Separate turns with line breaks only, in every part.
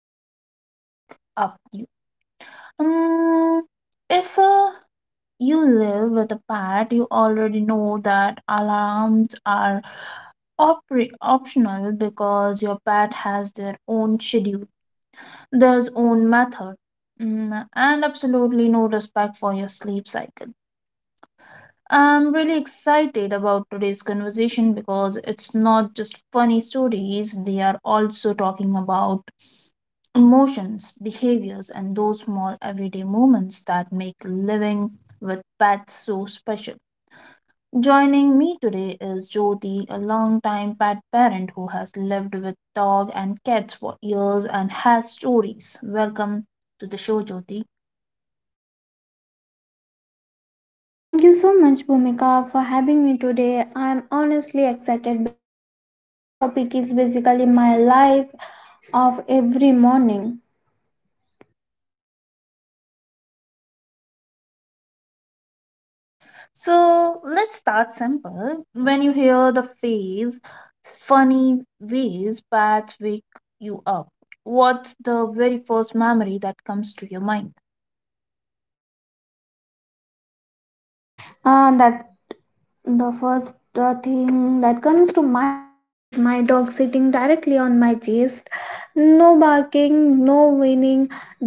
try to wake up you. Um, if you live with a pet, you already know that alarms are optional because your pet has their own schedule their own method. Mm, and absolutely no respect for your sleep cycle. I'm really excited about today's conversation because it's not just funny stories, we are also talking about emotions, behaviors, and those small everyday moments that make living with pets so special. Joining me today is Jyoti, a longtime pet parent who has lived with dog and cats for years and has stories. Welcome to the show, Jyoti.
Thank you so much, Bhumika, for having me today. I'm honestly excited because this topic is basically my life of every morning.
So let's start simple. When you hear the phrase funny ways bats wake you up, what's the very first memory that comes to your mind?
Ah, that's The first thing that comes to my mind is my dog sitting directly on my chest. No barking, no whining,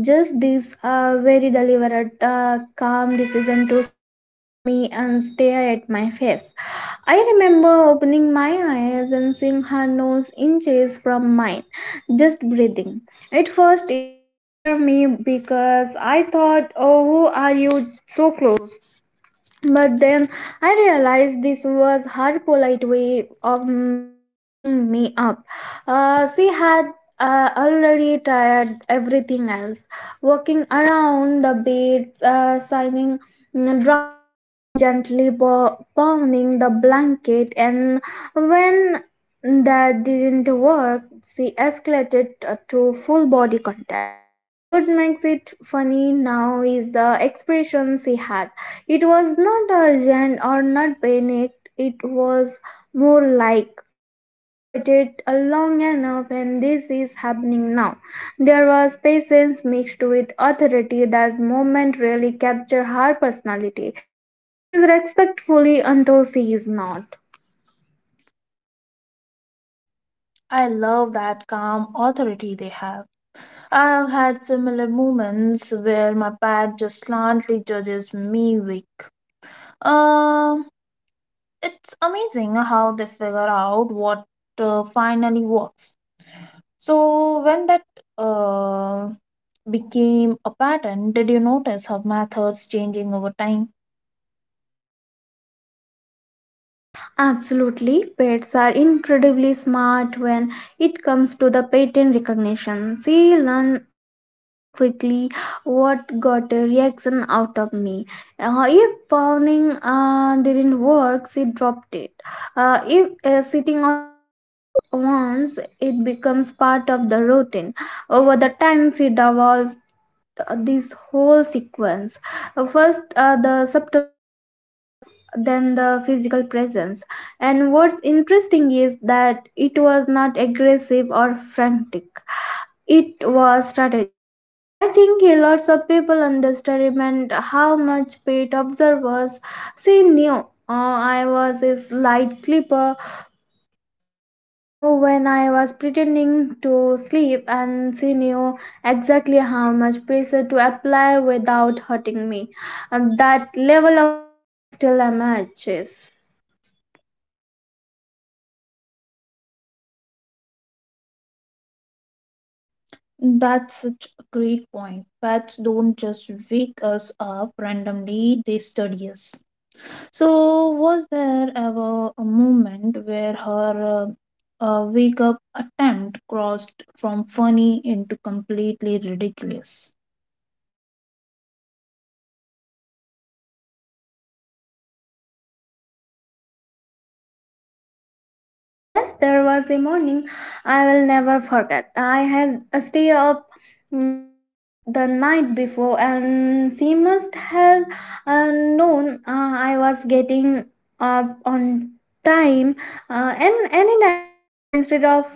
just this very deliberate, calm decision to sit on me and stare at my face. I remember opening my eyes and seeing her nose inches from mine, just breathing. At first, it scared me because I thought, oh, who are you so close? But then I realized this was her polite way of walking me up. She had already tried everything else, walking around the bed, signing dramatically, gently pounding the blanket, and when that didn't work, she escalated to full body contact. What makes it funny now is the expression she had, it was not urgent or not panicked, it was more like, I have waited long enough and this is happening now. There was patience mixed with authority, that moment really captured her personality. She is respectfully until she is not.
I love that calm authority they have. I've had similar moments where my pet just slantly judges me weak. Um, it's amazing how they figure out what finally works. So when that uh, became a pattern, did you notice how methods changing over time?
Absolutely, pets are incredibly smart when it comes to the pattern recognition. She learn very quickly what got a reaction out of me. If pounding didn't work, she dropped it. If sitting on me worked once, it becomes part of the routine. Over the time, she developed this whole sequence. First, the subtle stuff, then the physical presence. And what's interesting is that it was not aggressive or frantic. It was strategic. I think a lots of people underestimate how much paid observers. She knew I was a light sleeper, she knew when I was pretending to sleep, and she knew exactly how much pressure to apply without hurting me. And that level of awareness still matches.
That's such a great point. Pets don't just wake us up randomly, they study us. So, was there ever a moment where her wake up attempt crossed from funny into completely ridiculous?
Yes, there was a morning I will never forget. I had a stay up late the night before, and she must have known I was getting up on time and anytime soon. Instead of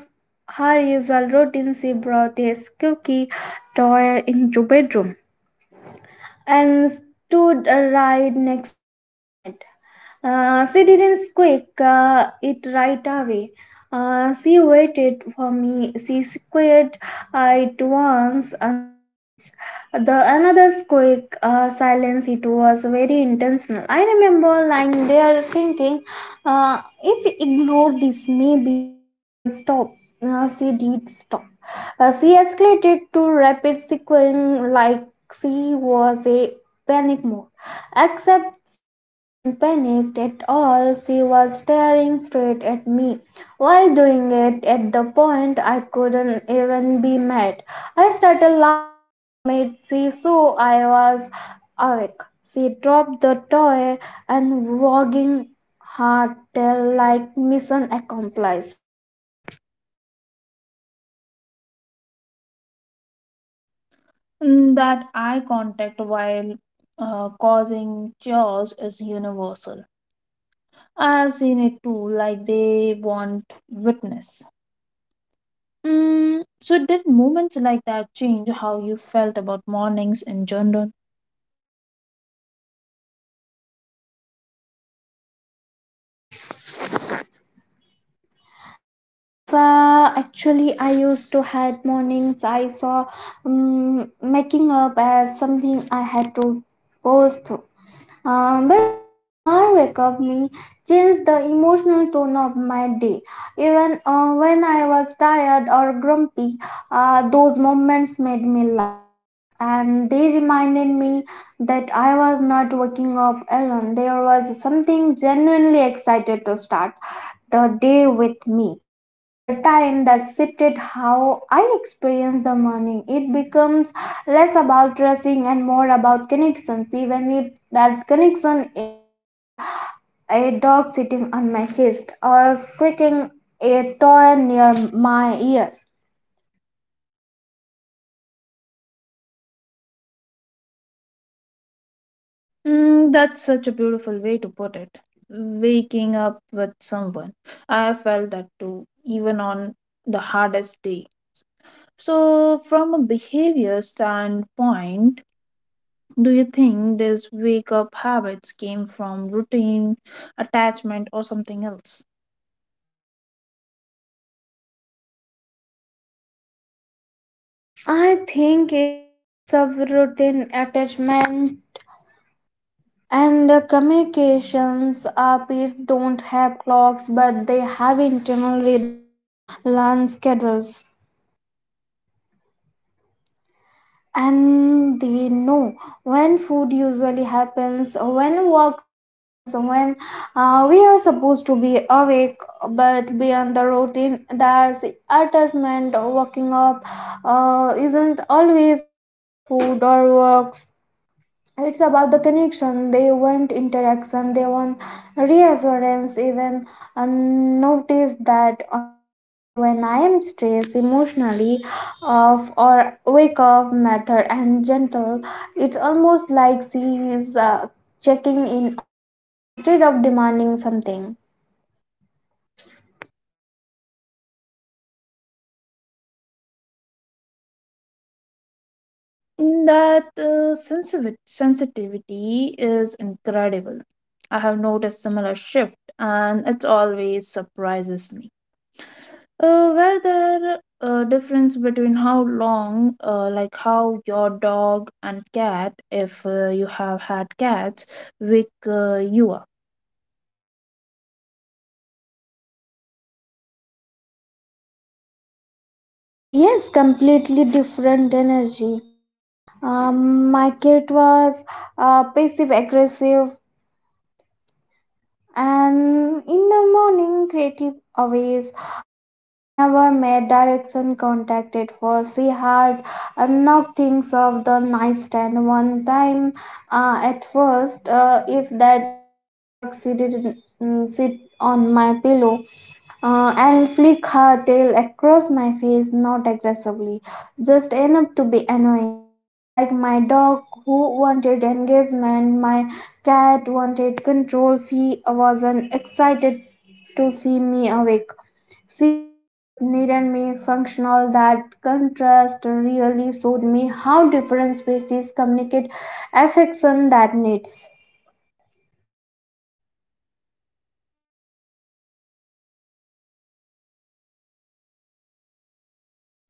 her usual routine, she brought a cookie toy into bedroom and stood right next to my head. She didn't squeak it right away. She waited for me. She squeaked it once and silence. The another squeak, silence. It was very intentional. I remember lying there thinking, if she ignored this, maybe she will stop. She did stop. She escalated to rapid sequence like she was a panic mode. Except she wasn't panicked at all, she was staring straight at me. While doing it, at the point I couldn't even be mad. I started laughing and made she so I was awake. She dropped the toy and wagging her tail like mission accomplished.
And that eye contact while causing chores is universal. I've seen it too, like they want witness. Mm, so, did moments like that change how you felt about mornings in general?
Yes, actually, I used to had mornings. I saw making up as something I had to post, but having her wake up me changed the emotional tone of my day. Even when I was tired or grumpy, those moments made me laugh. And they reminded me that I was not waking up alone. There was something genuinely excited to start the day with me. Over the time that shifted how I experience the morning, it becomes less about dressing and more about connections, even if that connection involved a dog sitting on my chest or squeaking a toy near my ear.
Mm, that's such a beautiful way to put it. Waking up with someone. I felt that too, even on the hardest day. So, from a behavior standpoint, do you think these wake up habits came from routine, attachment, or something else?
I think it's a mix of routine attachment and communications. Our pets don't have clocks, but they have internal rhythm and learn schedules, and they know when food usually happens, when walks happens, when we are supposed to be awake. But beyond the routine there's adjustment. Waking up isn't always about food or work, it's about the connection, they want interaction, they want reassurance. Even notice that on the day when I am stressed, emotionally off, or wake up method and gentle, it's almost like she is checking in on me instead of demanding something.
That sensitivity is incredible. I have noticed similar shift, and it always surprises me. Were there a difference between how long, like how your dog and cat, if you have had cats, wake you up?
Yes, completely different energy. My cat was passive aggressive. And in the morning, creative always. She never made direction contact at first. She had enough things of the nightstand one time. At first, if that didn't work, she didn't sit on my pillow and flick her tail across my face, not aggressively, just enough to be annoying. Unlike my dog, who wanted engagement, my cat wanted control. She wasn't excited to see me awake. She just needed me functional. That contrast really showed me how different species communicate affection that needs.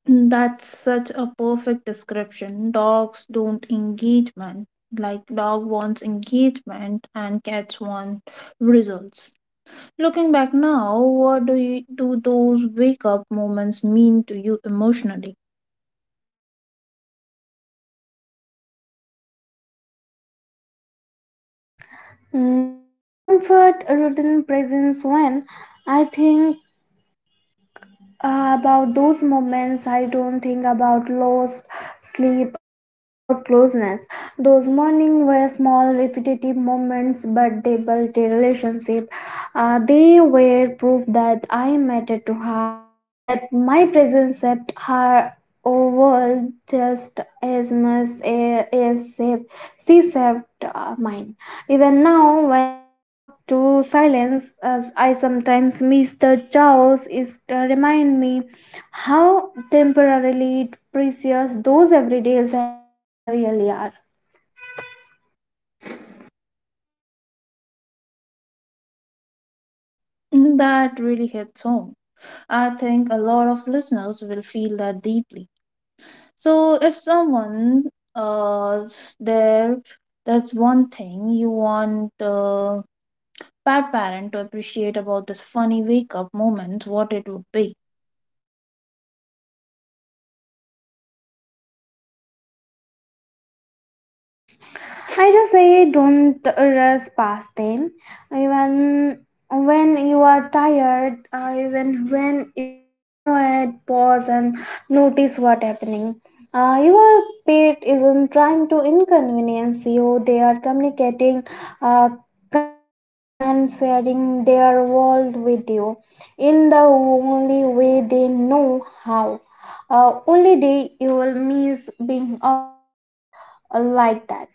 That's such a perfect description. Dogs don't engagement. Like dog wants engagement, and cats want results. Looking back now, what do you, do those wake up moments mean to you emotionally?
The mean comfort rodent presence when I think about those moments, I don't think about lost sleep. I think about closeness. Those mornings were small, repetitive moments, but they built a relationship. They were proof that I mattered to her, that my presence saved her world just as much as safe. She saved mine. Even now, when I woke up to silence, as I sometimes miss the jaws, it remind me how temporarily precious those everyday moments really are.
Mm, that really hits home. I think a lot of listeners will feel that deeply. So if someone uh there that's one thing you want pet parent to appreciate about this funny wake up moment, what it would be.
I just say don't rush past them. Even when you are tired, even when you are annoyed, pause and notice what happening. Your pet isn't trying to inconvenience you. They are communicating, uh, connecting, and sharing their world with you in the only way they know how. Only day you will miss being awake like that.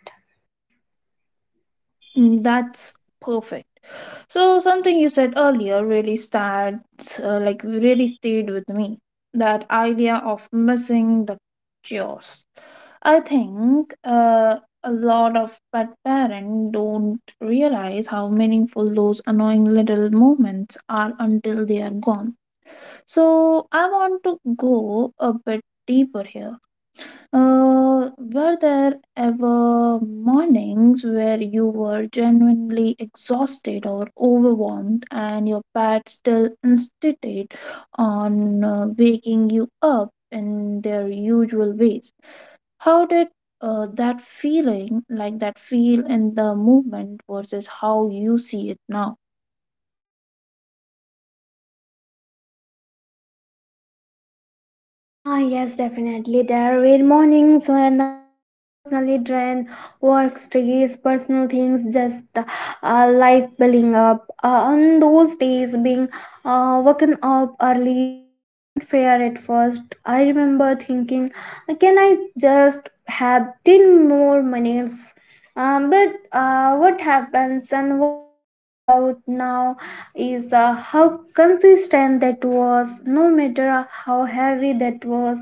Mm, that's perfect. So something you said earlier really starts like really stayed with me. That idea of missing the chaos. I think a lot of pet parents don't realize how meaningful those annoying little moments are until they are gone. So I want to go a bit deeper here, were there ever mornings where you were genuinely exhausted or overwhelmed, and your pet still insisted on waking you up in their usual ways? How did that feeling, like that feel in the movement versus how you see it now?
Ah, yes, definitely. There were mornings when I was emotionally drained, work stress, personal things, just life building up. On those days, being woken up early felt unfair at first. I remember thinking, can I just have 10 more minutes? But what happens and what stand out now is how consistent that was, no matter how heavy that was,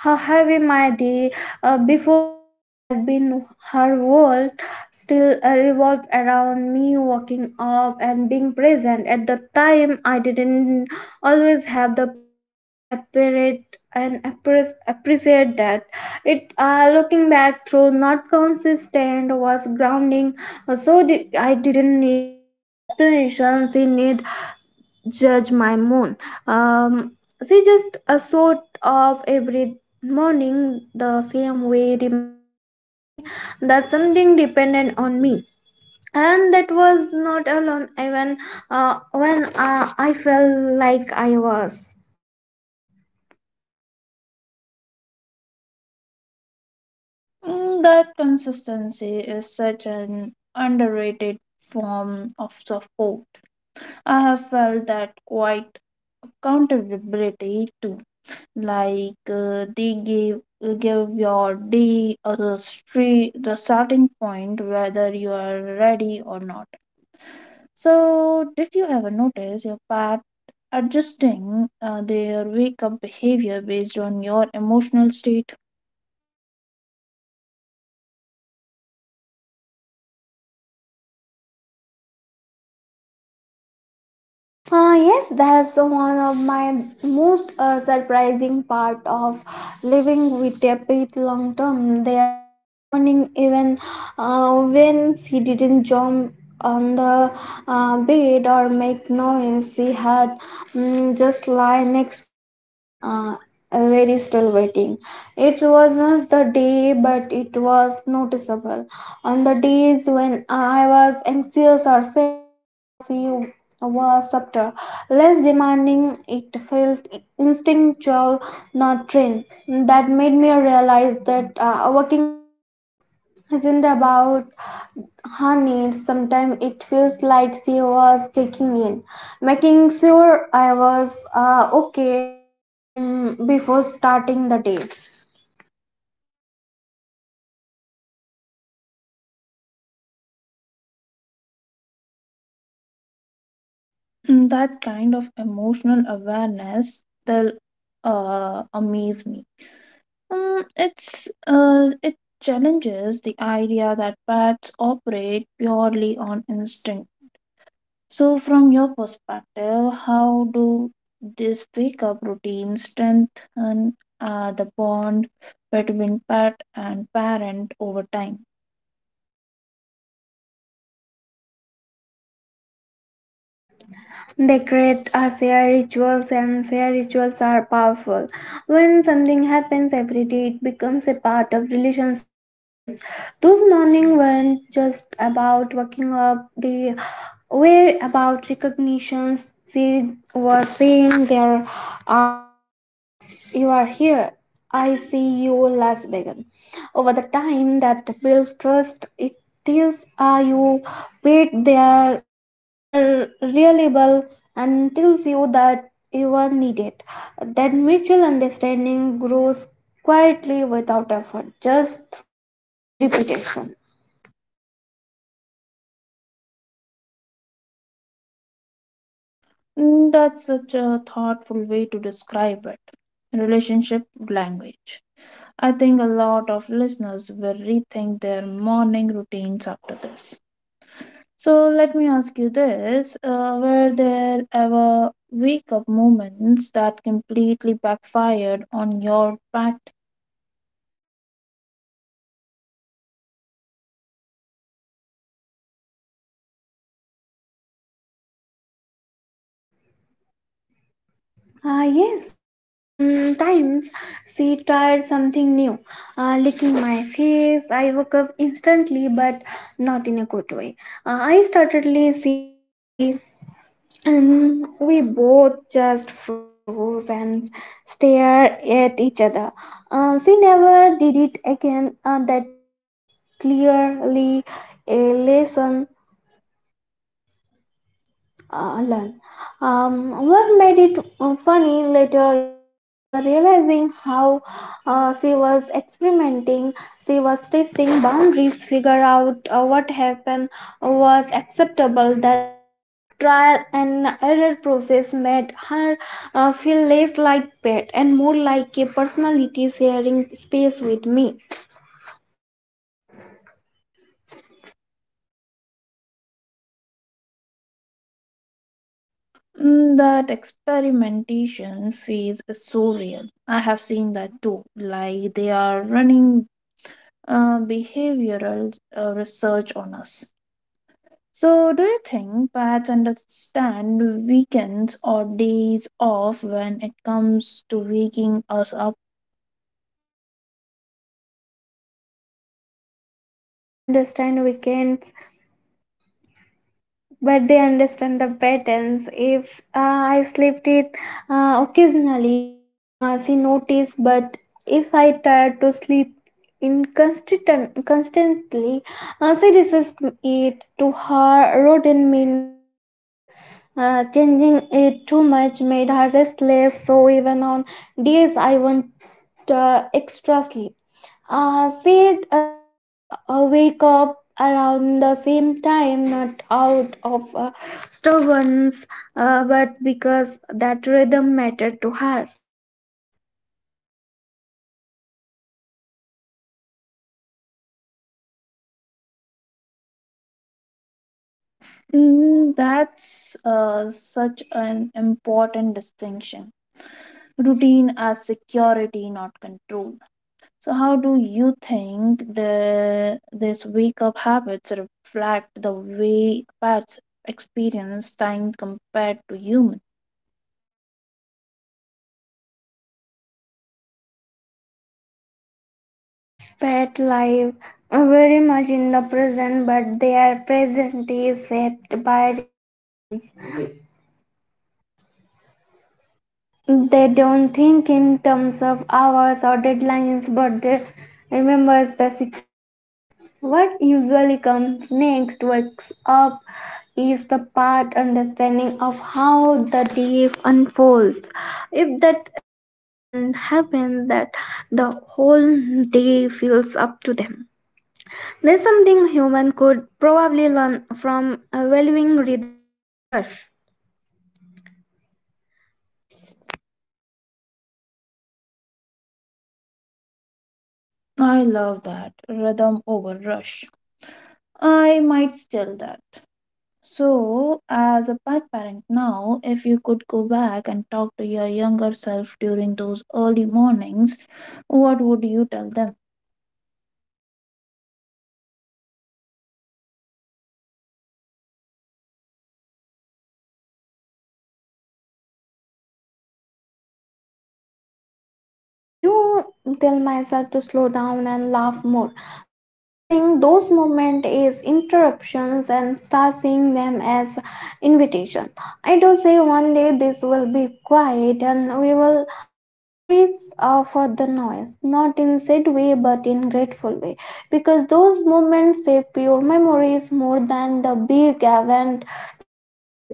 how heavy my day before had been. Her world still revolved around me waking up and being present. At the time I didn't always have the patience to appreciate and appreciate that. It looking back through, not consistent was grounding. So did, I didn't need the explanation, she need judge my moon. um, she just a sort of every morning the same way, reminding me that something depended on me, and that was not alone, even when I felt like I was.
Mm, that consistency is such an underrated form of support. I have felt that quite accountability too. Like they give your day or the street the starting point whether you are ready or not. So did you ever notice your pet adjusting their wake up behavior based on your emotional state?
Yes, that's one of my most surprising part of living with a pet long term. There were morning even when she didn't jump on the bed or make noise. She had just lie next to me. Very still, waiting. It was not the day, but it was noticeable. On the days when I was anxious or sad, she was subtler, less demanding. It felt instinctual, not trained. That made me realize that waking up isn't about her needs. Sometimes it feels like she was checking in, making sure I was okay before starting the day.
Mm, that kind of emotional awareness still amaze me. Mm, it's it challenges the idea that pets operate purely on instinct. So, from your perspective, how do these wake-up routines strengthen the bond between pet and parent over time?
They create a shared rituals and shared rituals are powerful. When something happens every day, it becomes a part of relationship language. Those morning weren't just about waking up, they were about recognitions. They were saying there are you are here. I see you Las Vegas over the time that builds trust. It is you paid there, you are reliable, and tells you that you are needed, that mutual understanding grows quietly without effort, just through repetition.
Mm, that's such a thoughtful way to describe it. Relationship language. I think a lot of listeners will rethink their morning routines after this. So let me ask you this, were there ever wake up moments that completely backfired on your pact?
Ah, yes, on times she tried something new, licking my face. I woke up instantly, but not in a good way. I startedly, she startedly. We both just froze and stared at each other. She never did it again, and that was clearly a lesson learned. What made it funny later was realizing how she was experimenting, she was testing boundaries, figure out what happened was acceptable. That trial and error process made her feel less like pet and more like a personality sharing space with me.
Mm, that experimentation phase is so real. I have seen that too. Like they are running behavioral research on us. So, do you think pets understand weekends or days off when it comes to waking us up?
I don't think they understand weekends, but they understand the patterns. If I slept it occasionally, she noticed. But if I tried to sleep inconsistently, she resist it. To her rodent means safely, changing it too much made her restless. So even on days I want extra sleep, she still wake up around the same time, not out of stubbornness, but because that rhythm mattered to her.
Mm, that's such an important distinction. Routine as security, not control. So, how do you think the this wake up habits reflect the way pets experience time compared to human?
Pet life very much in the present, but their present is shaped by repetitions. They don't think in terms of hours or deadlines, but they remember the sequence. What usually comes next wakes up is the part understanding of how the day unfolds. If that step doesn't happen, that the whole day feels up to them. There's something human could probably learn from valuing rhythm over rush.
I love that rhythm over rush. I might steal that. So, as a pet parent now, if you could go back and talk to your younger self during those early mornings, what would you tell them?
I do tell myself to slow down and laugh more, to stop seeing those moments as interruptions and start seeing them as invitation. I do say one day this will be quiet and we will wait for the noise, not in sad way but in grateful way, because those moments save pure memories more than the big event ever will.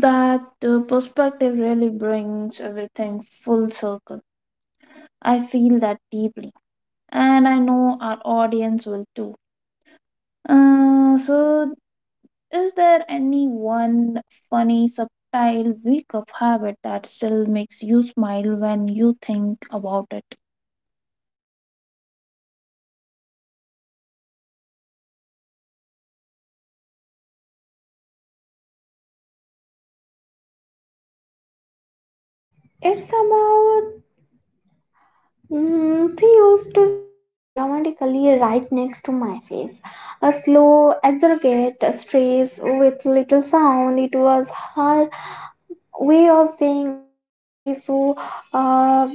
That perspective really brings everything full circle. I feel that deeply, and I know our audience will too. So, is there any one funny, subtle wake up habit that still makes you smile when you think about it?
It's about she used to stretch dramatically right next to my face. A slow, exaggerate stretch with little sound. It was her way of saying, I am ready, so uh,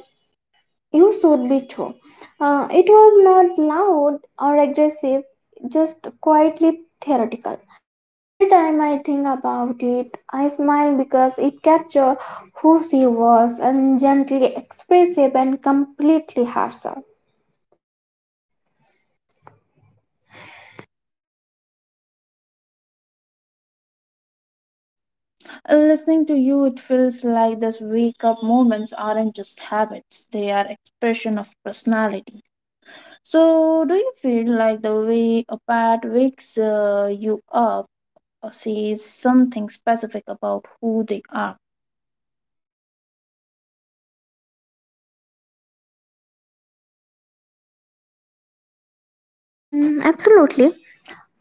you should be too. It was not loud or aggressive, just quietly theoretical. Every time I think about it, I smile because it captured who she was and gently expressive and completely herself.
Listening to you, it feels like these wake up moments aren't just habits, they are expression of personality. So, do you feel like the way a pet wakes you up or says something specific about who they are?
Mm, absolutely.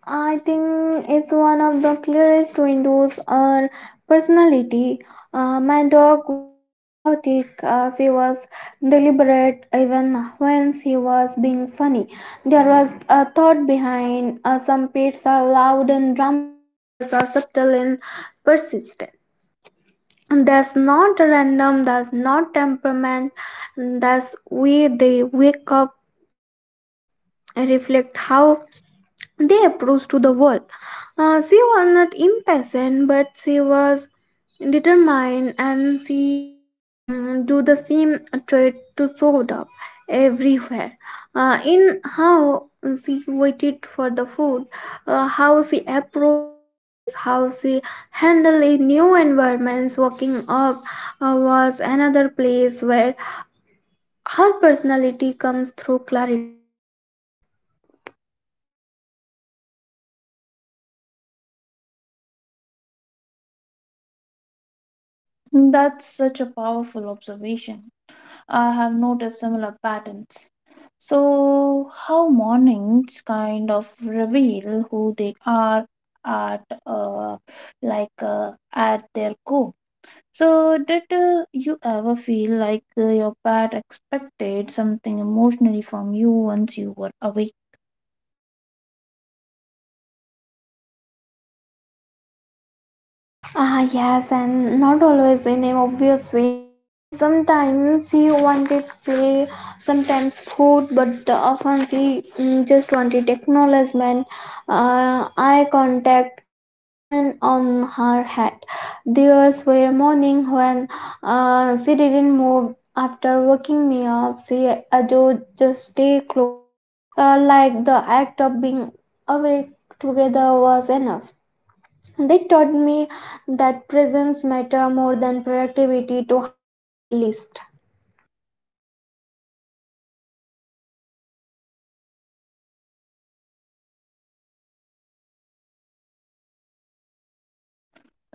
I think it's one of the clearest windows or personality. My dog wasn't chaotic, she was deliberate even when she was being funny. There was a thought behind some pets are loud and dramatic, others are subtle and persistent. And that's not random, that's not temperament, that's way they wake up, reflect how they approach to the world. She was not impatient, but she was determined, and she do the same trait to show up everywhere. In how she waited for the food, how she approached strangers, how she handled a new environments, walking up was another place where her personality comes through clarity.
That's such a powerful observation. I have noticed similar patterns. So, how mornings kind of reveal who they are at at their core. So, did you ever feel like your pet expected something emotionally from you once you were awake?
Ah, yes, and not always in an obvious way. Is sometimes he wanted play, sometimes food, but often he just wanted acknowledgement, eye contact, a hand on her head. There were morning when she didn't move. After waking me up, she adored just stay close, like the act of being awake together was enough. They taught me that presence matter more than productivity, to her at least.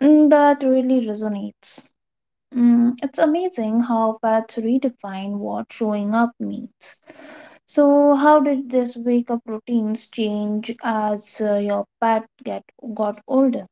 Mm, that really resonates. Mm, it's amazing how pets redefine what showing up means. So, how did this wake up routines change as your pet get got older?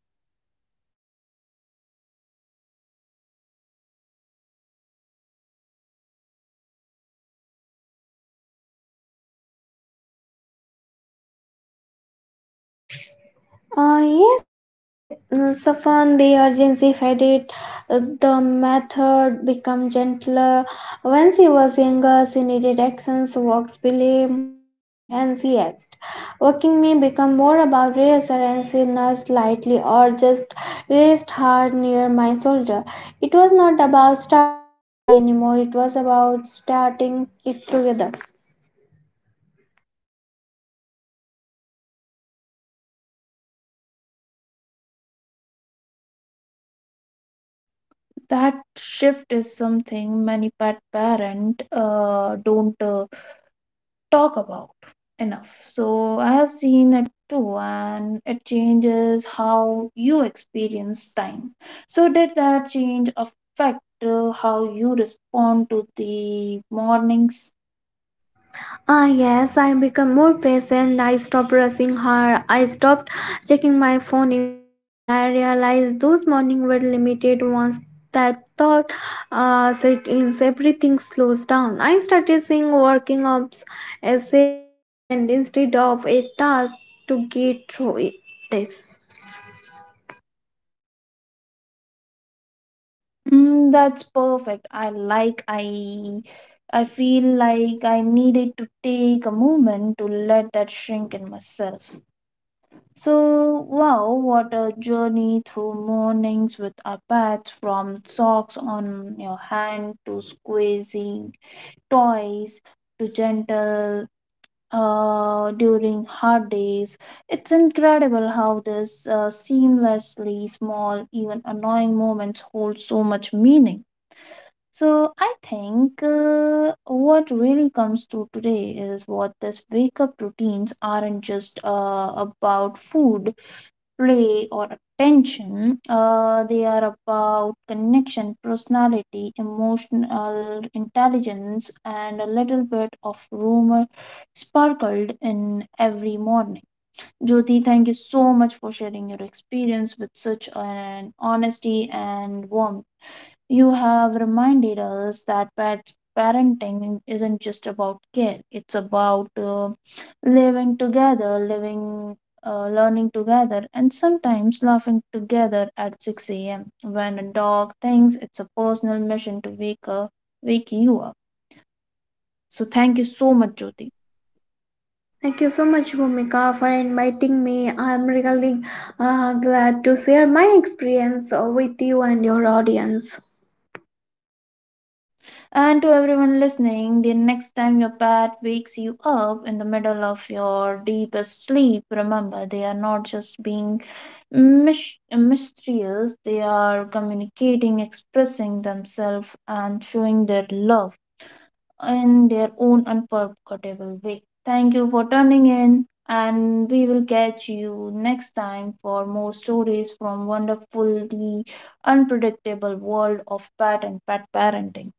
Yes, they soften the urgency, fed it. The method become gentler. When she was younger, she needed actions, walks, belief, movement, and she asked. Walking me become more about reassurance. She nudged lightly or just raised her near my shoulder. It was not about starting quickly anymore. It was about starting it together.
That shift is something many pet parents don't talk about enough. So I have seen it too, and it changes how you experience time. So, did that change affect how you respond to the mornings?
Ah, yes, I become more patient. I stopped rushing her. I stopped checking my phone immediately. I realized those mornings were limited. Once that thought set in, everything slows down. I started seeing working ups as a moment instead of a task to get through it. This.
Mm, that's perfect. I like, I. I feel like I needed to take a moment to let that shrink in myself. So, wow, what a journey through mornings with our pets, from socks on your hand to squeezing toys to gentle during hard days. It's incredible how this seamlessly small, even annoying moments hold so much meaning. So, I think what really comes through today is what these wake up routines aren't just about food play or attention, they are about connection personality emotional intelligence and a little bit of rumor sparkled in every morning. Jyoti, thank you so much for sharing your experience with such an honesty and warmth. You have reminded us that pet parenting isn't just about care, it's about living together, living, learning together, and sometimes laughing together at 6 a.m. when a dog thinks it's a personal mission to wake, up, wake you up. So, thank you so much, Jyoti.
Thank you so much, Bhumika, for inviting me. I'm really glad to share my experience with you and your audience.
And to everyone listening, the next time your pet wakes you up in the middle of your deepest sleep, remember they are not just being mysterious. They are communicating, expressing themselves, and showing their love in their own unforgettable way. Thank you for tuning in, and we will catch you next time for more stories from wonderfully unpredictable world of pet and pet parenting.